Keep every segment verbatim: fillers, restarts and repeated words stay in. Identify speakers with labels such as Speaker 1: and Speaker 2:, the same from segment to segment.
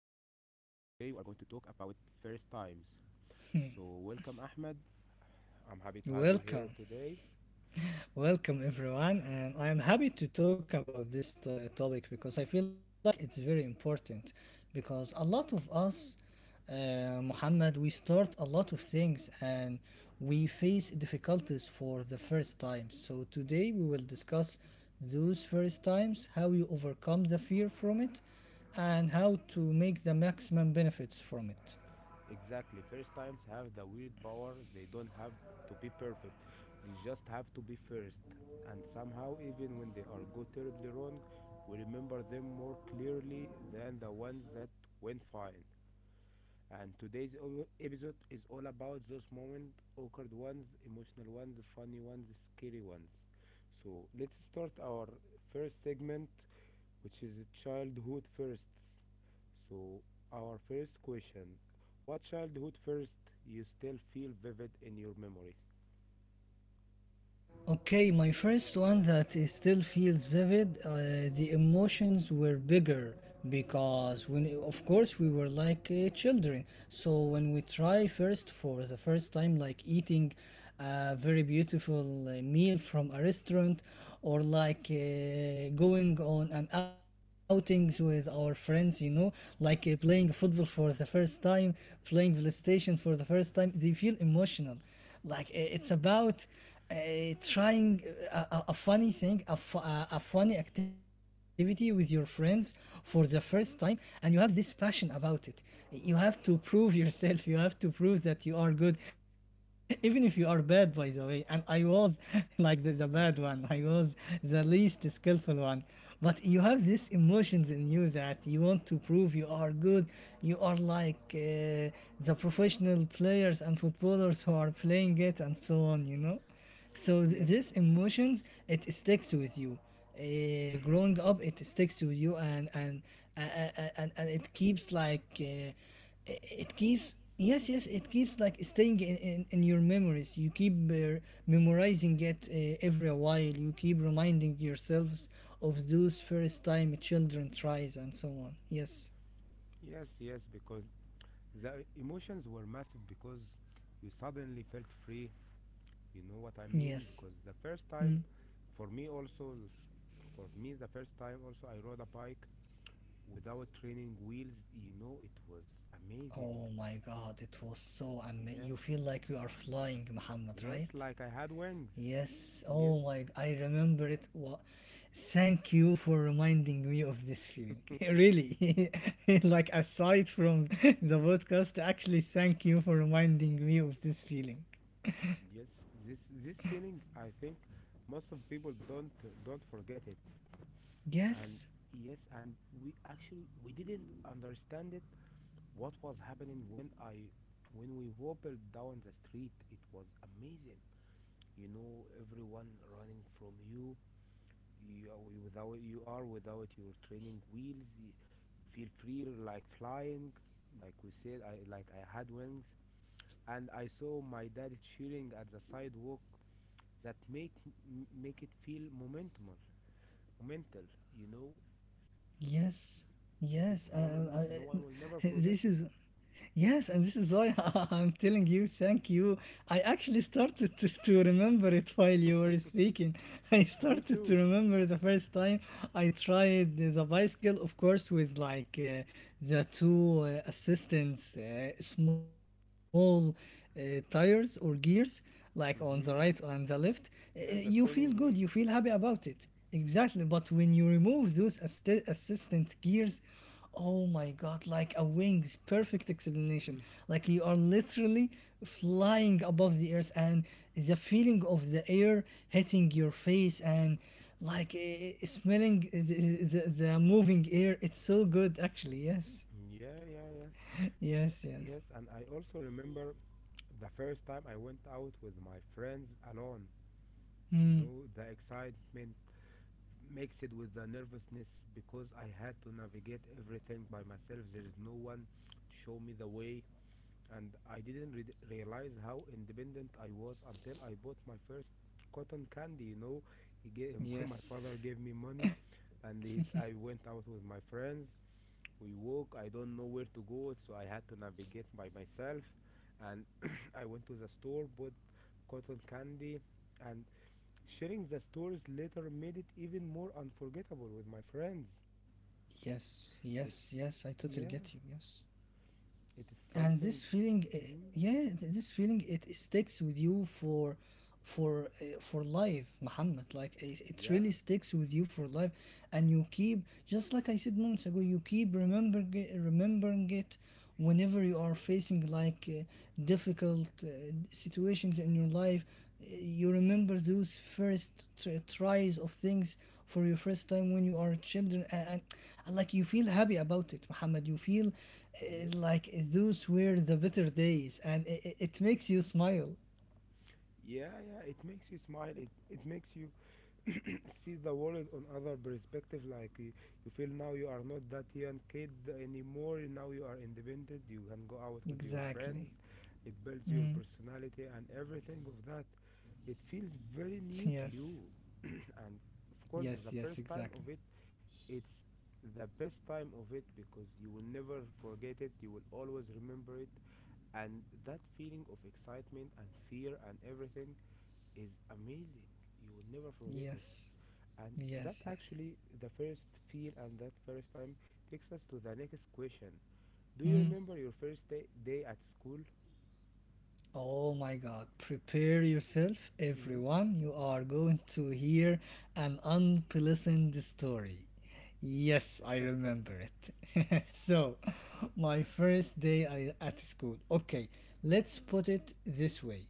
Speaker 1: Today, we are going to talk about first times. So, welcome, Ahmed. I'm happy to have you
Speaker 2: Welcome,
Speaker 1: here today.
Speaker 2: welcome everyone, and I am happy to talk about this uh, topic because I feel like it's very important. Because a lot of us, uh, Muhammad, we start a lot of things and we face difficulties for the first time. So today we will discuss those first times, how you overcome the fear from it, and how to make the maximum benefits from it.
Speaker 1: Exactly, first times have the weird power, they don't have to be perfect, they just have to be first. And somehow, even when they are go terribly wrong, we remember them more clearly than the ones that went fine. And today's o- episode is all about those moments, awkward ones, emotional ones, funny ones, scary ones. So let's start our first segment, which is childhood firsts. So, our first question: what childhood first you still feel vivid in your memory?
Speaker 2: Okay, my first one that is still feels vivid. Uh, the emotions were bigger because when, of course, we were like uh, children. So when we try first for the first time, like eating a very beautiful uh, meal from a restaurant, or like uh, going on an outings with our friends, you know, like uh, playing football for the first time, playing PlayStation for the first time, they feel emotional like i- it's about uh, trying a, a, a funny thing, a, fu- a, a funny activity with your friends for the first time, and you have this passion about it. You have to prove yourself, you have to prove that you are good, even if you are bad, by the way. And I was like the, the bad
Speaker 1: Mm.
Speaker 2: one, I was the least skillful one. But you have these emotions in you that you want to prove you are good. You are like uh, the professional players and footballers who are playing it and so on, you know? so th-
Speaker 1: Yes,
Speaker 2: this emotions, it sticks with you, uh, growing up. It sticks with you, and and uh, uh, and, and it keeps like uh, i- it keeps Yes, yes. It keeps like staying in, in, in your memories. You keep uh, memorizing it uh, every while. You keep reminding yourselves of those first time children tries and so on. Yes,
Speaker 1: yes, yes, because the emotions were massive, because you suddenly felt free, you know what I mean,
Speaker 2: yes.
Speaker 1: because the first time, for me also for me the first time also I rode a bike without training wheels. You know, it was amazing.
Speaker 2: Oh my god, it was so amazing. You
Speaker 1: Yeah,
Speaker 2: feel like you are flying, Muhammad,
Speaker 1: yes,
Speaker 2: right?
Speaker 1: like I had wings.
Speaker 2: Yes. Oh
Speaker 1: Yes.
Speaker 2: my, I remember it. Wa- Thank you for reminding me of this feeling. really. Like, aside from the podcast, actually thank you for reminding me of this feeling.
Speaker 1: Yes, this this feeling, I think most of people don't, don't forget it.
Speaker 2: Yes.
Speaker 1: And yes, and we actually we didn't understand it, what was happening, when i when we wobbled down the street. It was amazing, you know, everyone running from you. You are you without you are without your training wheels, you, you feel free, like flying, like we said, i like I had wings. And I saw my dad cheering at the sidewalk. That make, m- make it feel momentumal, momental, you know.
Speaker 2: Yes,
Speaker 1: This
Speaker 2: yes. Uh,
Speaker 1: moment,
Speaker 2: uh, uh,
Speaker 1: no one will never forget
Speaker 2: this
Speaker 1: it.
Speaker 2: is Yes, and this is why I'm telling you thank you. I actually started to, to remember it while you were speaking. I
Speaker 1: Me
Speaker 2: started to
Speaker 1: too.
Speaker 2: remember the first time I tried the bicycle, of course, with like uh, the two uh, assistants, uh, small uh, tires or gears, like on the right and the
Speaker 1: Hmm.
Speaker 2: left. Uh, You
Speaker 1: Yeah,
Speaker 2: feel
Speaker 1: the
Speaker 2: good. You
Speaker 1: training
Speaker 2: feel happy
Speaker 1: wheels.
Speaker 2: about it. Exactly, but when you remove those assi- assistant gears, oh my god, like a wings, perfect explanation.
Speaker 1: Mm-hmm.
Speaker 2: Like you are literally flying above the earth, and the feeling of the air hitting your face and like eh, eh, smelling the, the, the moving air, it's so good, actually. Yes,
Speaker 1: Yeah, yeah, yeah.
Speaker 2: yes, yes.
Speaker 1: Yes, and I also remember the first time I went out with my friends alone. You
Speaker 2: Hmm.
Speaker 1: know, the excitement mixed with the nervousness, because I had to navigate everything by myself. There is no one to show me the way, and I didn't re- realize how independent I was until I bought my first cotton candy. You know, he gave, my
Speaker 2: Yes,
Speaker 1: father gave me money, and it, I went out with my friends, we walk, I don't know where to go, so I had to navigate by myself, and I went to the store, bought cotton candy, and sharing the stories later made it even more unforgettable with my friends.
Speaker 2: yes, yes, yes, I totally
Speaker 1: It's,
Speaker 2: get you.
Speaker 1: yeah,
Speaker 2: Yes.
Speaker 1: it is
Speaker 2: And this
Speaker 1: something.
Speaker 2: feeling, uh,
Speaker 1: Mhm.
Speaker 2: yeah, th- this feeling, it sticks with you for for uh, for life, Muhammad. Like it, it
Speaker 1: Yeah.
Speaker 2: really sticks with you for life. And you keep, just like I said moments ago, you keep remembering it, remembering it whenever you are facing like uh, difficult uh, situations in your life. You remember those first tr- tries of things for your first time when you are children. And, and, and like you feel happy about it, Muhammad. You feel uh,
Speaker 1: Yes,
Speaker 2: like those were the better days, and it, it makes you smile.
Speaker 1: yeah, yeah, it makes you smile. It, it makes you see the world on other perspective. Like you, you feel now you are not that young kid anymore, now you are independent, you can go out with your
Speaker 2: Exactly.
Speaker 1: friends, it builds your
Speaker 2: Mm.
Speaker 1: personality and everything of that. It feels very
Speaker 2: Yes,
Speaker 1: new to you. And
Speaker 2: yes,
Speaker 1: of course,
Speaker 2: yes.
Speaker 1: the
Speaker 2: Exactly.
Speaker 1: first time of it, it's the best time of it, because you will never forget it, you will always remember it. And that feeling of excitement and fear and everything is amazing, you will never forget it.
Speaker 2: Yes,
Speaker 1: And that
Speaker 2: yes, yes.
Speaker 1: actually, the first feel and that first time takes us to the next question. Do you
Speaker 2: Mm.
Speaker 1: remember your first day, day at school?
Speaker 2: Oh my God, prepare yourself,
Speaker 1: Hmm.
Speaker 2: everyone. You are going to hear an unpleasant story. Yes, I remember it. So, my first day I, at school. Okay, let's put it this way.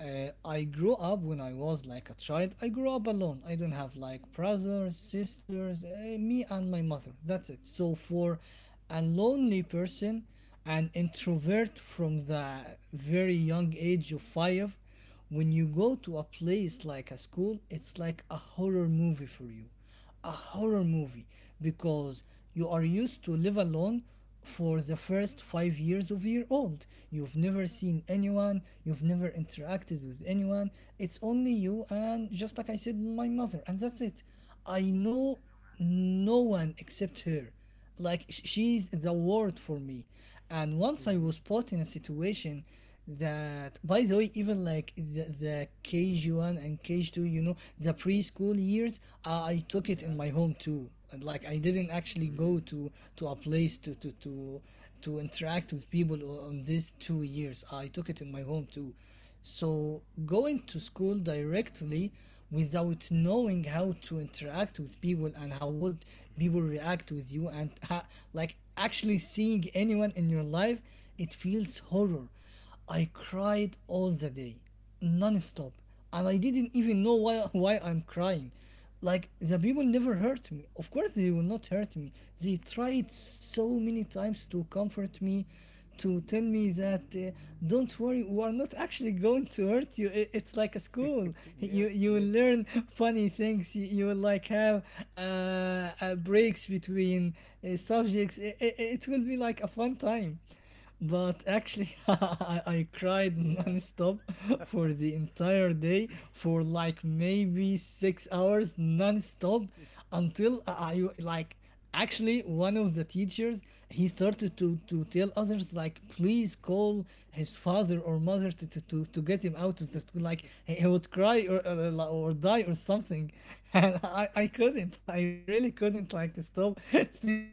Speaker 2: Uh, I grew up when I was like a child. I grew up alone. I don't have like brothers, sisters, uh, me and my mother. That's it. So, for a lonely person, an introvert from the very young age of five, when you go to a place like a school, it's like a horror movie for you. A horror movie. Because you are used to live alone for the first five years of your old. You've never seen anyone, you've never interacted with anyone. It's only you and just like I said, my mother, and that's it. I know no one except her. Like sh- she's the word for me. And once I
Speaker 1: Hmm.
Speaker 2: was put in a situation that, by the way, even like the, the K G one and K G two, you know, the preschool years, uh, I took it in
Speaker 1: Yeah.
Speaker 2: my home too. And, like I didn't actually
Speaker 1: Mm.
Speaker 2: go to to a place to to to to interact with people o- on these two years. I took it in my home too. So going to school directly without knowing how to interact with people and how would people react with you and ha- like actually seeing anyone in your life, it feels horror. I cried all the day, non-stop, and I didn't even know why why I'm crying. Like the people never hurt me, of course they will not hurt me. They tried so many times to comfort me, to tell me that uh, don't worry, we are not actually going to hurt you. I- it's like a school.
Speaker 1: Yes,
Speaker 2: You you
Speaker 1: yes.
Speaker 2: will learn funny things. You, you will like have uh, uh, breaks between uh, subjects. I- I- it will be like a fun time. But actually, I, I cried
Speaker 1: Yeah.
Speaker 2: nonstop for the entire day for like maybe six hours nonstop, until I I- like actually one of the teachers, he started to to tell others like please call his father or mother to to, to, to get him out of the school, like he he would cry or uh, li- or die or something. And I, I couldn't i really couldn't like stop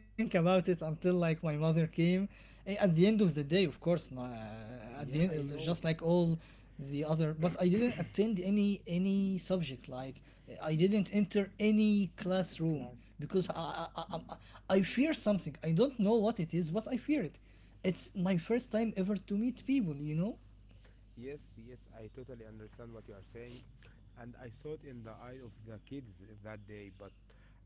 Speaker 2: think about it until like my mother came. Eh, At the end of the day, of course, n- uh, at
Speaker 1: Yeah,
Speaker 2: the end,
Speaker 1: I
Speaker 2: uh,
Speaker 1: know.
Speaker 2: just like all the other, but I didn't attend any any subject. Like eh, I didn't enter any classroom
Speaker 1: Class.
Speaker 2: because I I, I, I I fear something. I don't know what it is, but I fear it. It's my first time ever to meet people. You know.
Speaker 1: Yes, yes, I totally understand what you are saying. And I saw it in the eye of the kids that day. But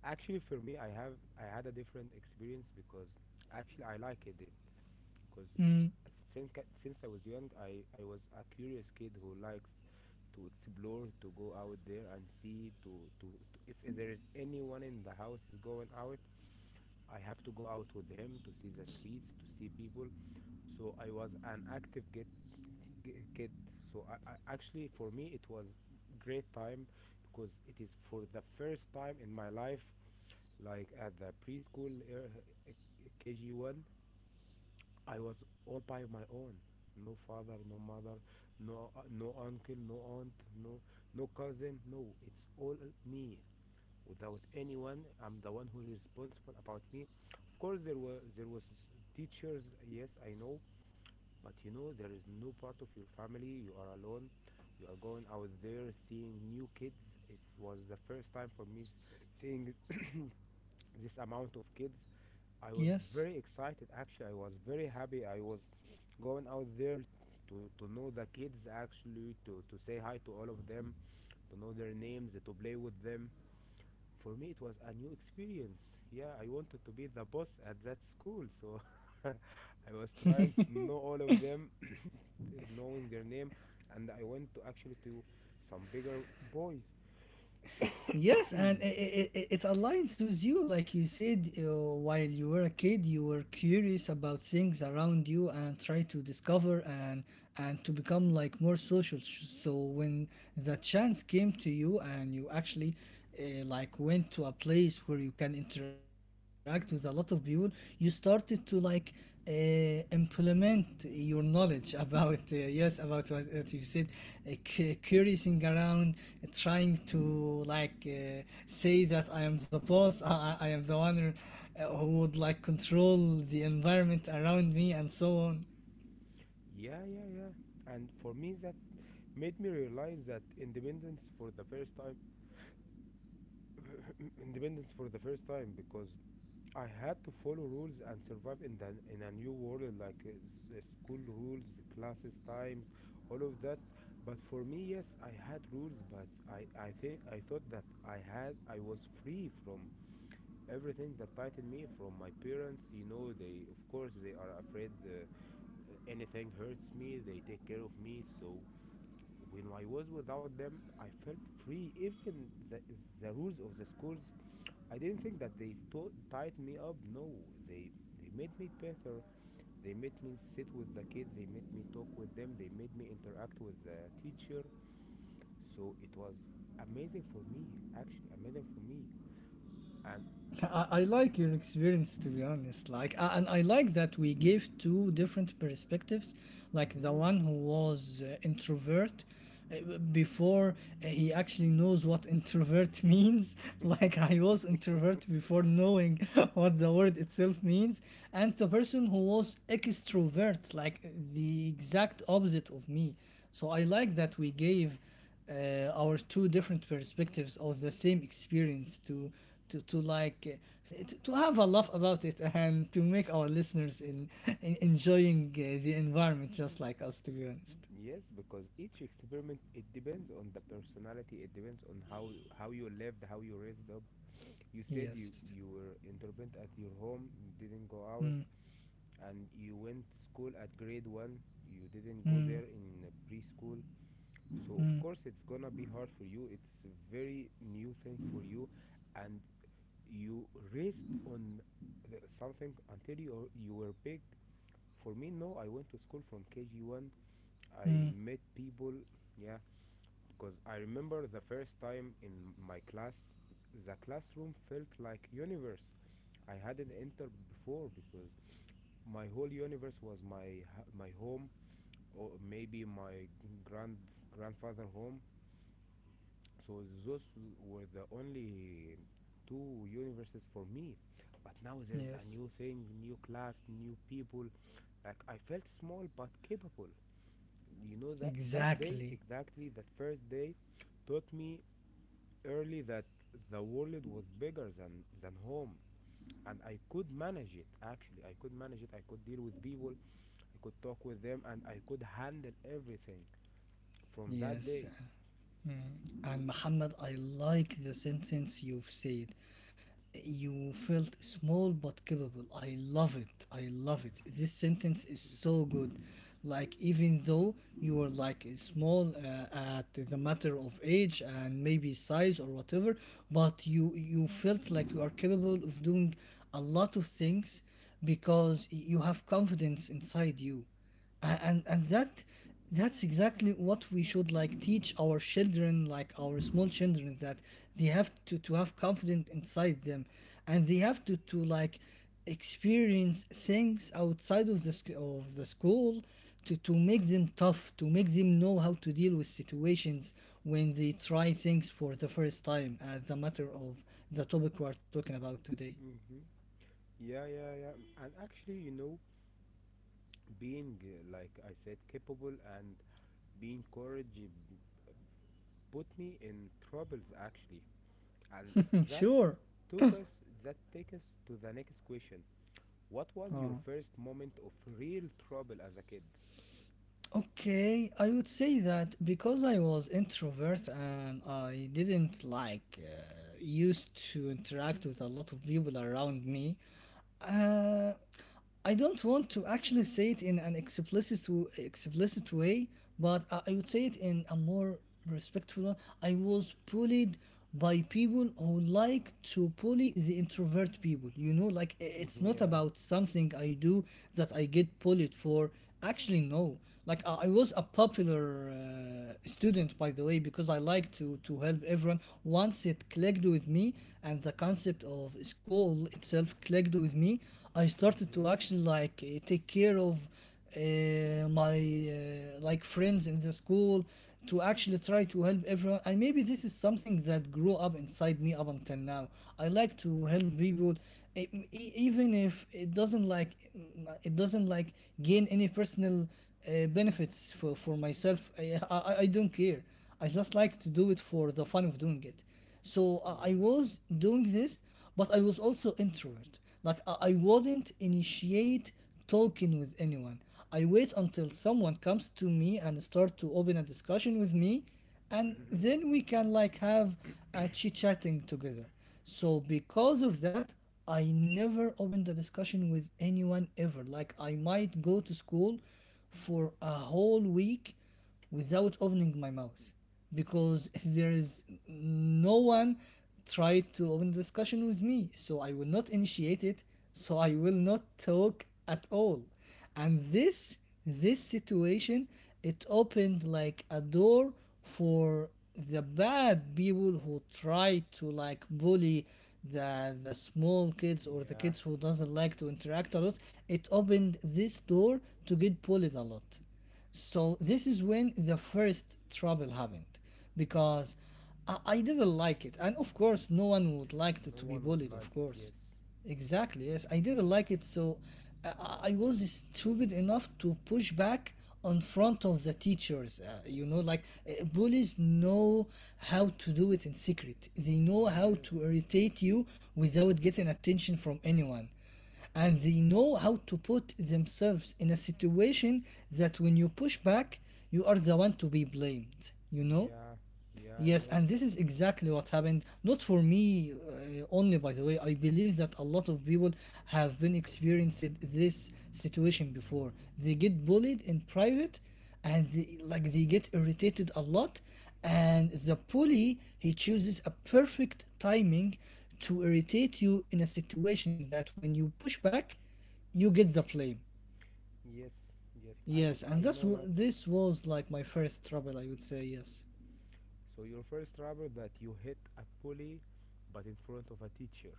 Speaker 1: actually, for me, I have I had a different experience, because actually I liked it, because since since I was young, I I was a curious kid who likes to explore, to go out there and see, to to, to, if there is anyone in the house is going out, I have to go out with him to see the streets, to see people. So I was an active get, g kid. So I, I actually, for me it was great time, because it is for the first time in my life, like at the preschool, uh, K G one, I was all by my own. No father, no mother, no uh, no uncle, no aunt, no no cousin. No, it's all me without anyone. I'm the one who is responsible about me. Of course, there were there was teachers. Yes, I know, but you know there is no part of your family. You are alone. You are going out there seeing new kids. It was the first time for me s- seeing this amount of kids. I was
Speaker 2: Yes.
Speaker 1: very excited. Actually, I was very happy. I was going out there to, to know the kids, actually to, to say hi to all of them, to know their names, to play with them. For me it was a new experience. Yeah, I wanted to be the boss at that school, so I was trying to know all of them, knowing their name. And I went to actually to some bigger boys.
Speaker 2: Yes, and i i i- it aligns with you. Like you said, uh, while you were a kid, you were curious about things around you and try to discover, and and to become like more social. Sh- So when the chance came to you and you actually uh, like went to a place where you can interact with a lot of people, you started to like uh, implement your knowledge about uh, yes, about what, what you said, uh, cu- curiousing around, uh, trying to like uh, say that I am the boss. i, I am the one, uh, who would like control the environment around me and so on.
Speaker 1: Yeah, yeah, yeah. And for me, that made me realize that independence for the first time. Independence for the first time, because I had to follow rules and survive in the in a new world, like uh, s- uh, school rules, classes, times, all of that. But for me, yes, I had rules, but I I think I thought that I had I was free from everything that tightened me from my parents. You know, they, of course, they are afraid uh, uh, anything hurts me. They take care of me. So when I was without them, I felt free. Even the, the rules of the schools, I didn't think that they to- tied me up. No, they they made me better. They made me sit with the kids. They made me talk with them. They made me interact with the teacher. So it was amazing for me, actually amazing for me. And
Speaker 2: I, I like your experience, to be honest, like uh, and I like that we gave two different perspectives, like the
Speaker 1: mm,
Speaker 2: one who was uh, introvert uh, before, uh, he actually knows what introvert means. Like I was introvert before knowing what the word itself means, and the person who was extrovert, like the exact opposite of me. So I like that we gave uh, our two different perspectives of the same experience, to to, to like uh, to, to have a laugh about it and to make our listeners, in, in enjoying uh, the environment just like us, to be honest.
Speaker 1: yes, because each experiment, it depends on the personality. It depends on how how you lived, how you raised up. You said you,
Speaker 2: Yes.
Speaker 1: you were intermittent at your home, didn't go out,
Speaker 2: Mm,
Speaker 1: and you went school at grade one, you didn't go
Speaker 2: mm,
Speaker 1: there in uh, preschool. So
Speaker 2: mm,
Speaker 1: of course it's gonna be hard for you, it's a very new thing for you. And you raced on the something until you, you were big. For me, no, I went to school from K G one, I
Speaker 2: mm.
Speaker 1: met people. Yeah, because I remember the first time in my class, the classroom felt like universe I hadn't entered before, because my whole universe was my ha- my home, or maybe my grand grandfather home. So those were the only two universes for me. But now there's a
Speaker 2: Yes,
Speaker 1: new thing, new class, new people. Like I felt small but capable. You know, that that day,
Speaker 2: exactly.
Speaker 1: exactly that first day, taught me early that the world was bigger than than home, and I could manage it. Actually, I could manage it, I could deal with people, I could talk with them, and I could handle everything from that day.
Speaker 2: Yes. Mm. And, Muhammad, I like the sentence you've said. You felt small but capable. I love it. I love it. This sentence is so good. Like, even though you were like small, uh, at the matter of age and maybe size or whatever, but you, you felt like you are capable of doing a lot of things because you have confidence inside you. A- and and that that's exactly what we should like teach our children, like our small children, that they have to to have confidence inside them, and they have to to like experience things outside of the sc- of the school to to make them tough, to make them know how to deal with situations when they try things for the first time, as the matter of the topic we are talking about today.
Speaker 1: Hmm. Yeah, yeah, yeah. And actually, you know, being, uh, like I said, capable and being courage put me in troubles actually. And that
Speaker 2: Sure.
Speaker 1: took us, that take us to the next question. What was your
Speaker 2: Oh.
Speaker 1: first moment of real trouble as a kid?
Speaker 2: Okay, I would say that because I was introvert and I didn't like uh, used to interact with a lot of people around me, uh, I don't want to actually say it in an explicit w- explicit way, but I I would say it in a more respectful. I was bullied by people who like to bully the introvert people. You know, like i- it's not
Speaker 1: Yeah.
Speaker 2: about something I do that I get bullied for. Actually, no. Like I I was a popular uh, student, by the way, because I like to to help everyone. Once it clicked with me, and the concept of school itself clicked with me, I started to
Speaker 1: Hmm.
Speaker 2: actually like eh, take care of uh, my uh, like friends in the school, to actually try to help everyone, and maybe this is something that grew up inside me up until now. I like to help people, e- e- even if it doesn't like it doesn't like gain any personal uh, benefits for, for myself. I, I i don't care. I just like to do it for the fun of doing it. So uh, I
Speaker 1: Yeah.
Speaker 2: was doing this, but I was also introvert. Like I, I wouldn't initiate talking with anyone. I wait until someone comes to me and start to open a discussion with me, and then we can like have a chit chatting together. So because of that, I never opened a discussion with anyone ever. Like I might go to school for a whole week without opening my mouth, because there is no one tried to open the discussion with me, so I will not initiate it, so I will not talk at all. And this this situation, it opened like a door for the bad people who try to like bully the the small kids, or the
Speaker 1: Yeah.
Speaker 2: kids who doesn't like to interact a lot. It opened this door to get bullied a lot. So this is when the first trouble happened,
Speaker 1: Mm.
Speaker 2: because I, I didn't like it. And of course, no one would like
Speaker 1: No
Speaker 2: to, to be
Speaker 1: one would
Speaker 2: bullied,
Speaker 1: like
Speaker 2: of
Speaker 1: it, yes.
Speaker 2: course. Exactly, yes. I didn't like it. So I, I was stupid enough to push back on front of the teachers. Uh, you know, like uh, bullies know how to do it in secret, they know how to
Speaker 1: Yes.
Speaker 2: irritate you without getting attention from anyone, and they know how to put themselves in a situation that when you push back, you are the one to be blamed, you know?
Speaker 1: Yeah. Yeah, I
Speaker 2: Yes,
Speaker 1: know.
Speaker 2: and this is exactly what happened. Not for me uh, only, by the way. I believe that a lot of people have been experiencing this situation before. They get bullied in private, and they, like they get irritated a lot. And the bully, he chooses a perfect timing to irritate you in a situation that when you push back, you get the blame.
Speaker 1: Yes, yes, I,
Speaker 2: Yes,
Speaker 1: I
Speaker 2: and that's
Speaker 1: know
Speaker 2: w-
Speaker 1: that.
Speaker 2: this was like my first trouble, I would say. Yes.
Speaker 1: So your first rubber that you hit a pulley, but in front of a teacher.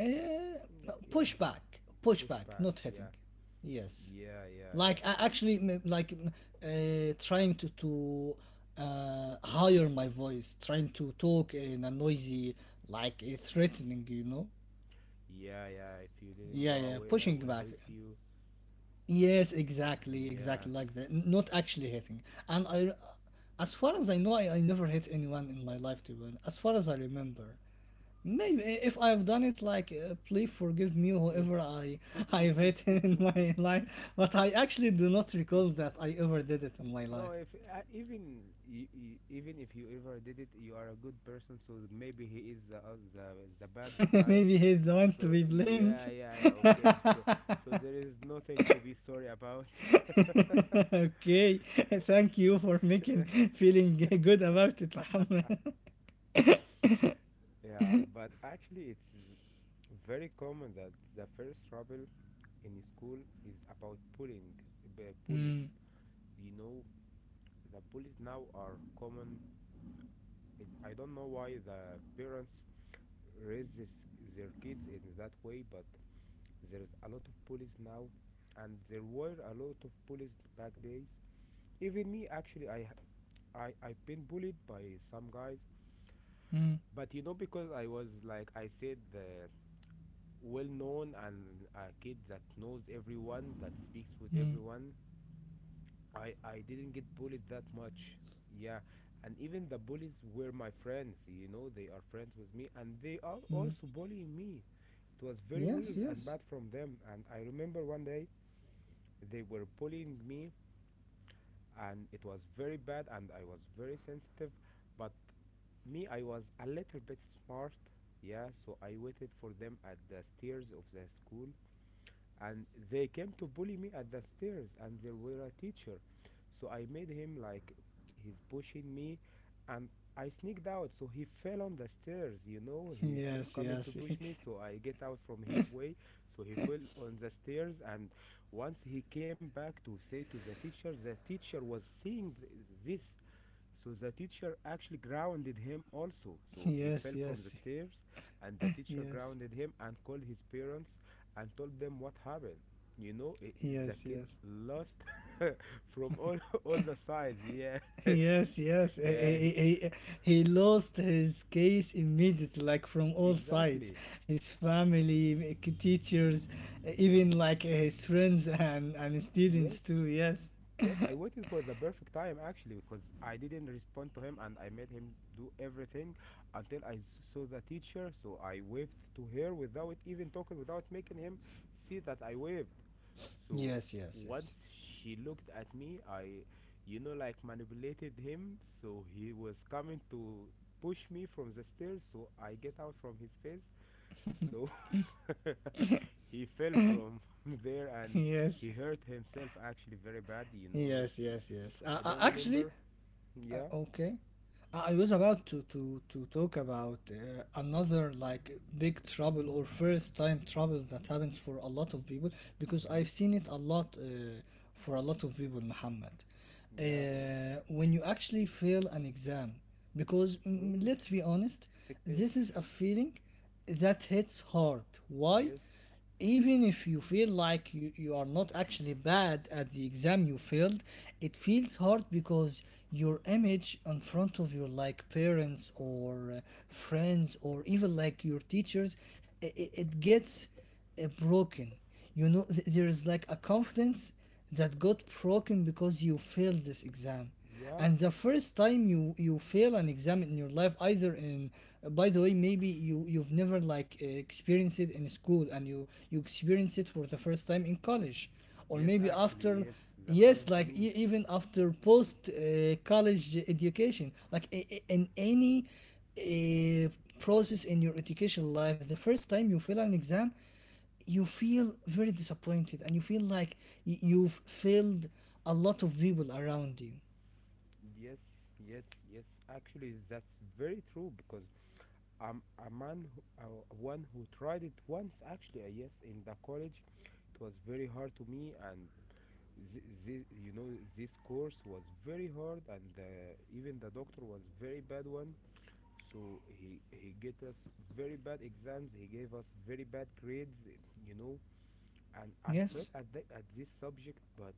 Speaker 2: Uh,
Speaker 1: Mm. Yeah,
Speaker 2: Pushback, pushback,
Speaker 1: pushback,
Speaker 2: not hitting.
Speaker 1: yeah.
Speaker 2: Yes,
Speaker 1: Yeah, yeah, yeah.
Speaker 2: like I actually m- like m- uh, trying to to uh, higher my voice, trying to talk in a noisy, like uh, threatening, you know.
Speaker 1: Yeah, yeah, if you didn't go
Speaker 2: Yeah, yeah,
Speaker 1: away, I
Speaker 2: pushing
Speaker 1: will
Speaker 2: back.
Speaker 1: hit you.
Speaker 2: Yes, exactly,
Speaker 1: Yeah.
Speaker 2: exactly like that. N- Not actually hitting. And I, as far as I know, I, I never hit anyone in my life, to be honest. As far as I remember, maybe if I've done it, like, uh, please forgive me, whoever I I've hit in my life. But I actually do not recall that I ever did it in my
Speaker 1: No,
Speaker 2: life.
Speaker 1: if uh, even y- y- even if you ever did it, you are a good person. So maybe he is the uh, the, the bad side.
Speaker 2: Maybe he's the one to
Speaker 1: So
Speaker 2: be blamed.
Speaker 1: yeah, yeah, yeah. Okay. So so there is nothing to be sorry about.
Speaker 2: Okay, thank you for making feeling good about it, Muhammad.
Speaker 1: Yeah, but actually, it's very common that the first trouble in school is about bullying. b- Bullies,
Speaker 2: Mm,
Speaker 1: you know, the bullies now are common. It, I don't know why the parents raise this, their kids in that way, but there is a lot of bullies now, and there were a lot of bullies back days. Even me, actually, I, ha- I, I've been bullied by some guys,
Speaker 2: mm,
Speaker 1: but you know, because I was, like I said, the well known and a kid that knows everyone, that speaks with
Speaker 2: mm,
Speaker 1: everyone, I I didn't get bullied that much. Yeah, and even the bullies were my friends. You know, they are friends with me, and they are
Speaker 2: mm.
Speaker 1: also bullying me. It was very
Speaker 2: Yes,
Speaker 1: weird and
Speaker 2: yes,
Speaker 1: bad from them. And I remember one day they were bullying me, and it was very bad, and I was very sensitive. But me, I was a little bit smart. Yeah, so I waited for them at the stairs of the school, and they came to bully me at the stairs and there were a teacher so I made him like he's pushing me and I sneaked out so he fell on the stairs. You know, he's g-
Speaker 2: yes,
Speaker 1: coming to
Speaker 2: yes,
Speaker 1: push me so I get out from his way so he fell on the stairs. And once he came back to say to the teacher, the teacher was seeing th- this, so the teacher actually grounded him also. So he
Speaker 2: yes,
Speaker 1: fell from
Speaker 2: yes,
Speaker 1: the stairs, and the teacher
Speaker 2: yes,
Speaker 1: grounded him and called his parents and told them what happened. You know, i- i- the
Speaker 2: yes,
Speaker 1: kid
Speaker 2: yes.
Speaker 1: lost from all all the sides. Yeah,
Speaker 2: Yes, yes. He,
Speaker 1: yeah,
Speaker 2: he, he he lost his case immediately, like from
Speaker 1: he-
Speaker 2: all sides.
Speaker 1: exactly.
Speaker 2: His family, k- teachers, even like his friends, and, and students
Speaker 1: Yes.
Speaker 2: too. Yes,
Speaker 1: Yes, I waited for the perfect time actually because I didn't respond to him and I made him do everything until I s- saw the teacher. So I waved to her without even talking, without making him see that I waved. So
Speaker 2: yes, yes, yes.
Speaker 1: once she looked at me, I, you know, like manipulated him. So he was coming to push me from the stairs. So I get out from his face so he fell from there and he
Speaker 2: Yes,
Speaker 1: hurt himself actually very bad, you know.
Speaker 2: yes, yes, yes.
Speaker 1: I
Speaker 2: Uh, uh,
Speaker 1: don't
Speaker 2: actually.
Speaker 1: remember.
Speaker 2: Uh,
Speaker 1: Yeah,
Speaker 2: okay. Uh, I was about to to to talk about uh, another like big trouble or first time trouble that happens for a lot of people, because I've
Speaker 1: hmm,
Speaker 2: seen it a lot uh, for a lot of people, Muhammad. Uh,
Speaker 1: yeah.
Speaker 2: when you actually fail an exam, because mm, mm,
Speaker 1: Ooh.
Speaker 2: let's be honest, this is a feeling that hits hard. Why?
Speaker 1: yes.
Speaker 2: Even if you feel like you, you are not actually bad at the exam you failed, it feels hard because your image in front of your like parents, or uh, friends, or even like your teachers, it, it gets uh, broken. You know th- there is like a confidence that got broken because you failed this exam.
Speaker 1: Yeah.
Speaker 2: And the first time you you fail an exam in your life, either in, by the way, maybe you you've never like uh, experienced it in school, and you you experience it for the first time in college, or
Speaker 1: Yes,
Speaker 2: maybe
Speaker 1: actually,
Speaker 2: after.
Speaker 1: yes, that
Speaker 2: Yes,
Speaker 1: happened to
Speaker 2: like
Speaker 1: me.
Speaker 2: e- even after post uh, college education, like i- i- in any uh, process in your educational life, the first time you fail an exam, you feel very disappointed, and you feel like y- you've failed a lot of people around you.
Speaker 1: Yes, yes, yes. Actually, that's very true because I'm a man, who, uh, one who tried it once. Actually, uh, yes, in the college, it was very hard to me, and Th- thi- you know this course was very hard and uh, even the doctor was very bad one so he he get us very bad exams, he gave us very bad grades, you know, and I
Speaker 2: Yes,
Speaker 1: felt at, the, at this subject. But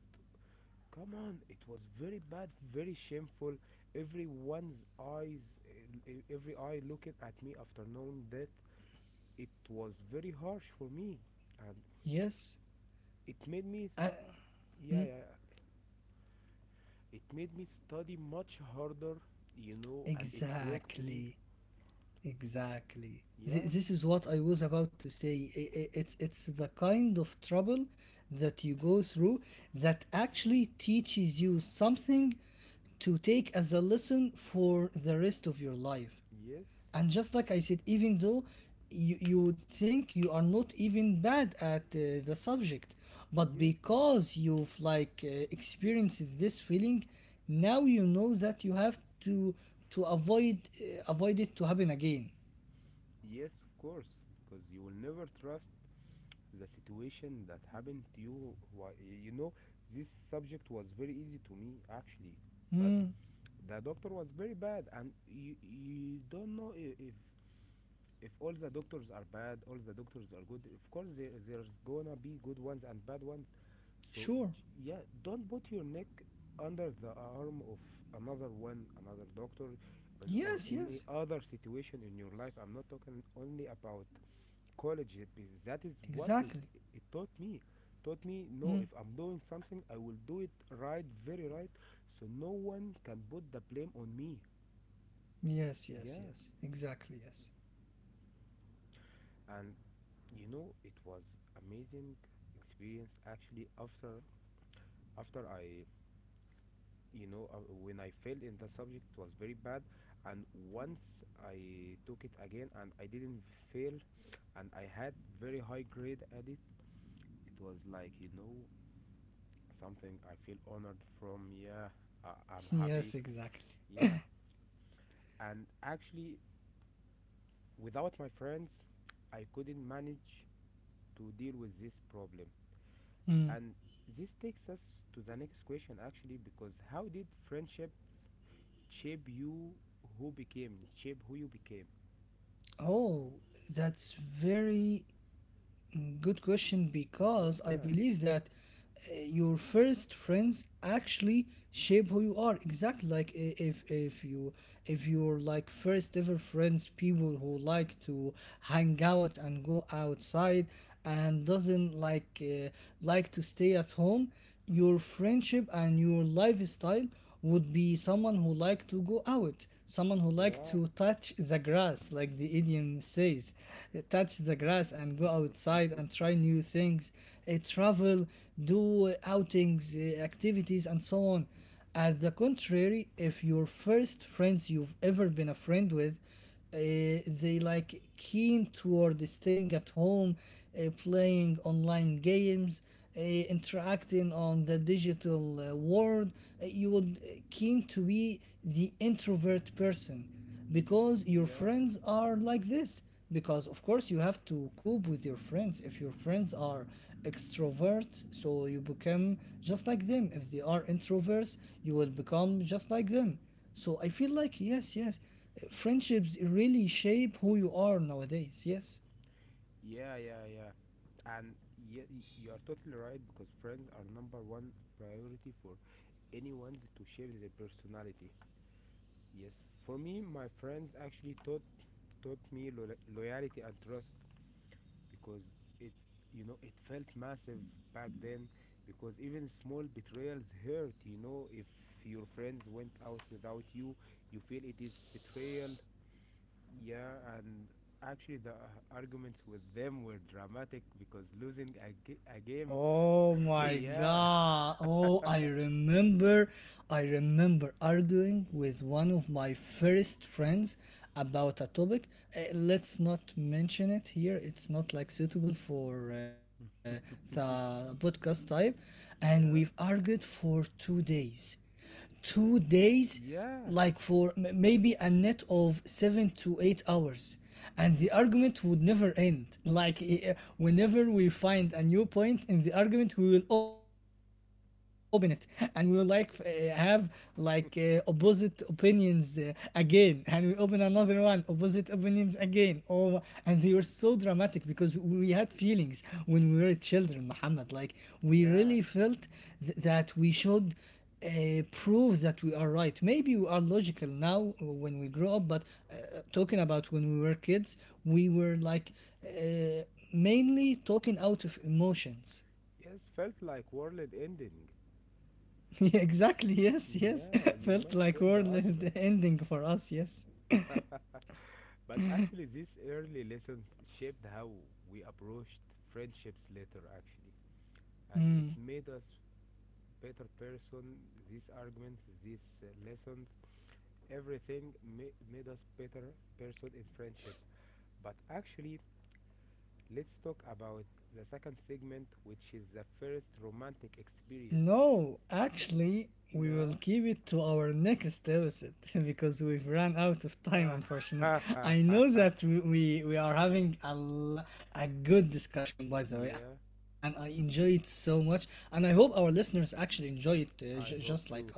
Speaker 1: come on, it was very bad, very shameful, everyone's eyes, eh, eh, every eye looking at me after knowing that. It was very harsh for me and
Speaker 2: yes,
Speaker 1: it made me,
Speaker 2: uh,
Speaker 1: yeah yeah it made me study much harder, you know, and it broke me.
Speaker 2: exactly, exactly. Th-
Speaker 1: Yeah,
Speaker 2: this is what I was about to say. I- I- it's it's the kind of trouble that you go through that actually teaches you something, to take as a lesson for the rest of your life.
Speaker 1: yes,
Speaker 2: And just like I said, even though you, you would think you are not even bad at uh, the subject, but
Speaker 1: yeah,
Speaker 2: because you've like uh, experienced this feeling, now you know that you have to to avoid uh, avoid it to happen again.
Speaker 1: yes, of course, because you will never trust the situation that happened to you. Why, you know, this subject was very easy to me actually, but
Speaker 2: Hmm.
Speaker 1: the doctor was very bad, and you you don't know i- if if all the doctors are bad, all the doctors are good. Of course, there, there's gonna be good ones and bad ones. So
Speaker 2: Sure.
Speaker 1: j- yeah, don't put your neck under the arm of another one, another doctor, and, or
Speaker 2: Yes,
Speaker 1: any
Speaker 2: yes,
Speaker 1: other situation in your life. I'm not talking only about college. uh, be- That is what it
Speaker 2: exactly.
Speaker 1: it taught me. Taught me no,
Speaker 2: Hmm.
Speaker 1: if I'm doing something, I will do it right, very right. So no one can put the blame on me.
Speaker 2: Yes, yes,
Speaker 1: Yeah,
Speaker 2: yes, exactly, yes.
Speaker 1: and you know it was amazing experience actually after after i you know, uh, when I failed in the subject it was very bad and once I took it again and I didn't fail and I had very high grade at it. It was like, you know, something I feel honored from. Yeah, I, I'm
Speaker 2: Yes,
Speaker 1: happy,
Speaker 2: exactly.
Speaker 1: yeah, and actually without my friends I couldn't manage to deal with this problem.
Speaker 2: Hmm.
Speaker 1: And this takes us to the next question actually, because how did friendships shape you who became shape who you became?
Speaker 2: Oh, that's very, Mm, good question, because I
Speaker 1: Yeah,
Speaker 2: believe that uh, your first friends actually shape who you are. Exactly like, i- if if you if your like first ever friends, people who like to hang out and go outside, and doesn't like uh, like to stay at home, your friendship and your lifestyle would be someone who like to go out, someone who like
Speaker 1: yeah.
Speaker 2: to touch the grass, like the idiom says, touch the grass and go outside and try new things, uh, travel, do outings, uh, activities, and so on. At the contrary, if your first friends you've ever been a friend with, uh, they like keen toward staying at home, uh, playing online games, uh, interacting on the digital uh, world. Uh, you would uh, keen to be the introvert person, because your
Speaker 1: Yeah,
Speaker 2: friends are like this, because of course you have to cope with your friends. If your friends are extrovert, so you become just like them. If they are introverts, you will become just like them. So I feel like, yes, yes, friendships really shape who you are nowadays. Yes.
Speaker 1: yeah, yeah, yeah. And yeah, you are totally right because friends are number one priority for anyone's to shape their personality. Yes, for me, my friends actually taught taught me lo- loyalty and trust. Because it, you know, it felt massive back then because even small betrayals hurt. You know, if your friends went out without you, you feel it is betrayal. Yeah, and actually the uh, arguments with them were dramatic because losing a, ga- a game.
Speaker 2: Oh my
Speaker 1: yeah
Speaker 2: God. Oh, I remember, I remember, arguing with one of my first friends about a topic. Uh, let's not mention it here. It's not like suitable for uh, the podcast type. And we've
Speaker 1: yeah,
Speaker 2: argued for two days, two days,
Speaker 1: yeah,
Speaker 2: like for m- maybe a net of seven to eight hours, and the
Speaker 1: yes,
Speaker 2: argument would never end. Like, eh, eh, whenever we find a new point in the argument, we will open it and we will like eh, have like eh, opposite opinions eh, again, and we open another one, opposite opinions again. Oh, and they were so dramatic, because we had feelings when we were children, Muhammad, like we
Speaker 1: yeah,
Speaker 2: really felt th- that we should uh, proves that we are right. Maybe we are logical now uh, when we grow up, but uh, talking about when we were kids, we were like, uh, mainly talking out of emotions.
Speaker 1: yes, felt like world ending.
Speaker 2: Yeah, exactly. Yes, yes.
Speaker 1: Yeah, you
Speaker 2: Felt
Speaker 1: must
Speaker 2: like
Speaker 1: win the
Speaker 2: world
Speaker 1: argument.
Speaker 2: ending for us. Yes.
Speaker 1: But actually, these early lessons shaped how we approached friendships later, actually, and it made us better person. These arguments, these uh, lessons, everything ma- made us better person in friendship. But actually, let's talk about the second segment, which is the first romantic experience.
Speaker 2: No, actually, we will
Speaker 1: Nah.
Speaker 2: keep it to our next episode, because we've run out of time, unfortunately. I know that we, we, we are having a, lo- a good discussion, by the way, and
Speaker 1: yeah,
Speaker 2: I enjoy it so much. And I hope our listeners actually enjoy it, uh, j- just
Speaker 1: I
Speaker 2: like
Speaker 1: hope
Speaker 2: us.
Speaker 1: too.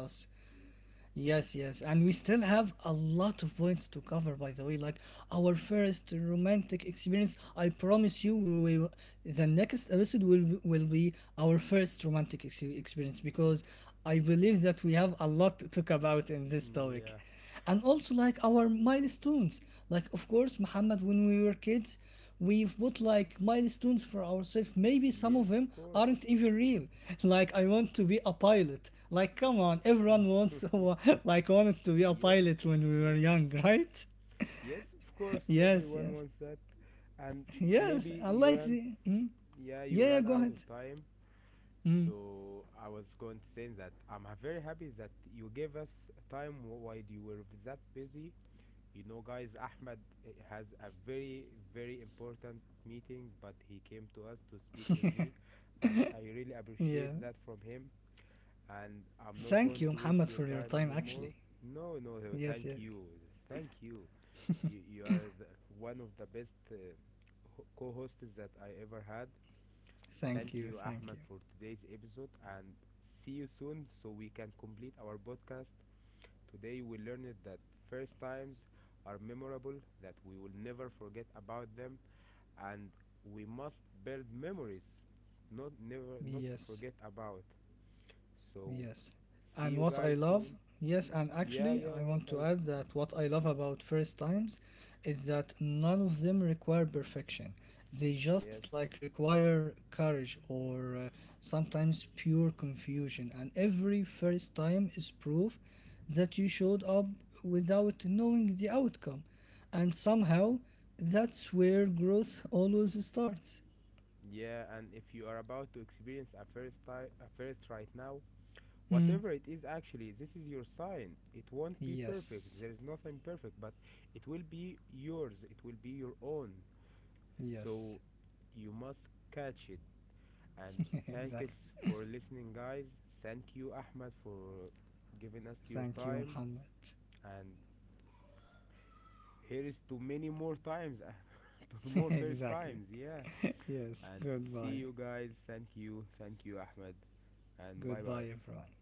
Speaker 2: Yes, yes, and we still have a lot of points to cover, by the way. Like our first romantic experience, I promise you, we will, the next episode will will be our first romantic ex- experience, because I believe that we have a lot to talk about in this
Speaker 1: Mm,
Speaker 2: topic.
Speaker 1: yeah.
Speaker 2: And also like our milestones, like, of course, Muhammad, when we were kids, we've put like milestones for ourselves. Maybe some
Speaker 1: Yes,
Speaker 2: of them
Speaker 1: of course.
Speaker 2: aren't even real. Like, I want to be a pilot, like, come on, everyone wants, like wanted to be a pilot
Speaker 1: yes,
Speaker 2: when we were
Speaker 1: yes.
Speaker 2: young, right?
Speaker 1: Yes, of course,
Speaker 2: Yes,
Speaker 1: everyone
Speaker 2: yes,
Speaker 1: wants that. And maybe
Speaker 2: yes, I
Speaker 1: you
Speaker 2: like
Speaker 1: ran,
Speaker 2: the, Hmm?
Speaker 1: yeah, you
Speaker 2: Yeah, yeah,
Speaker 1: ran
Speaker 2: go
Speaker 1: out
Speaker 2: ahead.
Speaker 1: of time. So I was going to say that I'm ha- very happy that you gave us time wh- while you were that busy. You know, guys, Ahmed eh, has a very, very important meeting, but he came to us to speak with me, and I
Speaker 2: Yeah,
Speaker 1: really appreciate that from him. And
Speaker 2: thank
Speaker 1: I'm
Speaker 2: you,
Speaker 1: not going
Speaker 2: Muhammad,
Speaker 1: to
Speaker 2: for
Speaker 1: waste
Speaker 2: your
Speaker 1: your
Speaker 2: time,
Speaker 1: time
Speaker 2: actually.
Speaker 1: anymore. No, no, no,
Speaker 2: Yes. Yes.
Speaker 1: thank you. Thank you. You, you are the, one of the best uh, ho- co-hosts that I ever had.
Speaker 2: Thank
Speaker 1: Thank
Speaker 2: you,
Speaker 1: you,
Speaker 2: thank you.
Speaker 1: Ahmed, for today's episode and see you soon so we can complete our podcast. Today we learned that first times are memorable, that we will never forget about them and we must build memories not never not to
Speaker 2: Yes.
Speaker 1: forget about. So
Speaker 2: Yes.
Speaker 1: see
Speaker 2: And
Speaker 1: you
Speaker 2: what I
Speaker 1: guys
Speaker 2: love,
Speaker 1: soon.
Speaker 2: yes, and
Speaker 1: Yeah,
Speaker 2: actually,
Speaker 1: yeah,
Speaker 2: I
Speaker 1: what
Speaker 2: want to
Speaker 1: I,
Speaker 2: add that what I love about first times is that none of them require perfection. They just like
Speaker 1: yes.
Speaker 2: require courage, or uh, sometimes pure confusion. And every first time is proof that you showed up without knowing the outcome. And
Speaker 1: Mm.
Speaker 2: somehow, that's where growth always starts.
Speaker 1: Yeah, and if you are about to experience a first time, a first right now,
Speaker 2: Hmm.
Speaker 1: whatever it is actually, this is your sign. It won't be perfect.
Speaker 2: Yes.
Speaker 1: There is nothing perfect, but it will be yours. It will be your own. So
Speaker 2: Yes.
Speaker 1: you must catch it. And thank
Speaker 2: Exactly.
Speaker 1: us for listening, guys. Thank you, Ahmed, for giving us your
Speaker 2: Thank you,
Speaker 1: time
Speaker 2: Muhammad.
Speaker 1: and here is to many more times to more first times.
Speaker 2: Exactly.
Speaker 1: Yeah.
Speaker 2: Yes,
Speaker 1: And see
Speaker 2: goodbye.
Speaker 1: you guys. Thank you, thank you, Ahmed, and bye bye.
Speaker 2: Goodbye, everyone.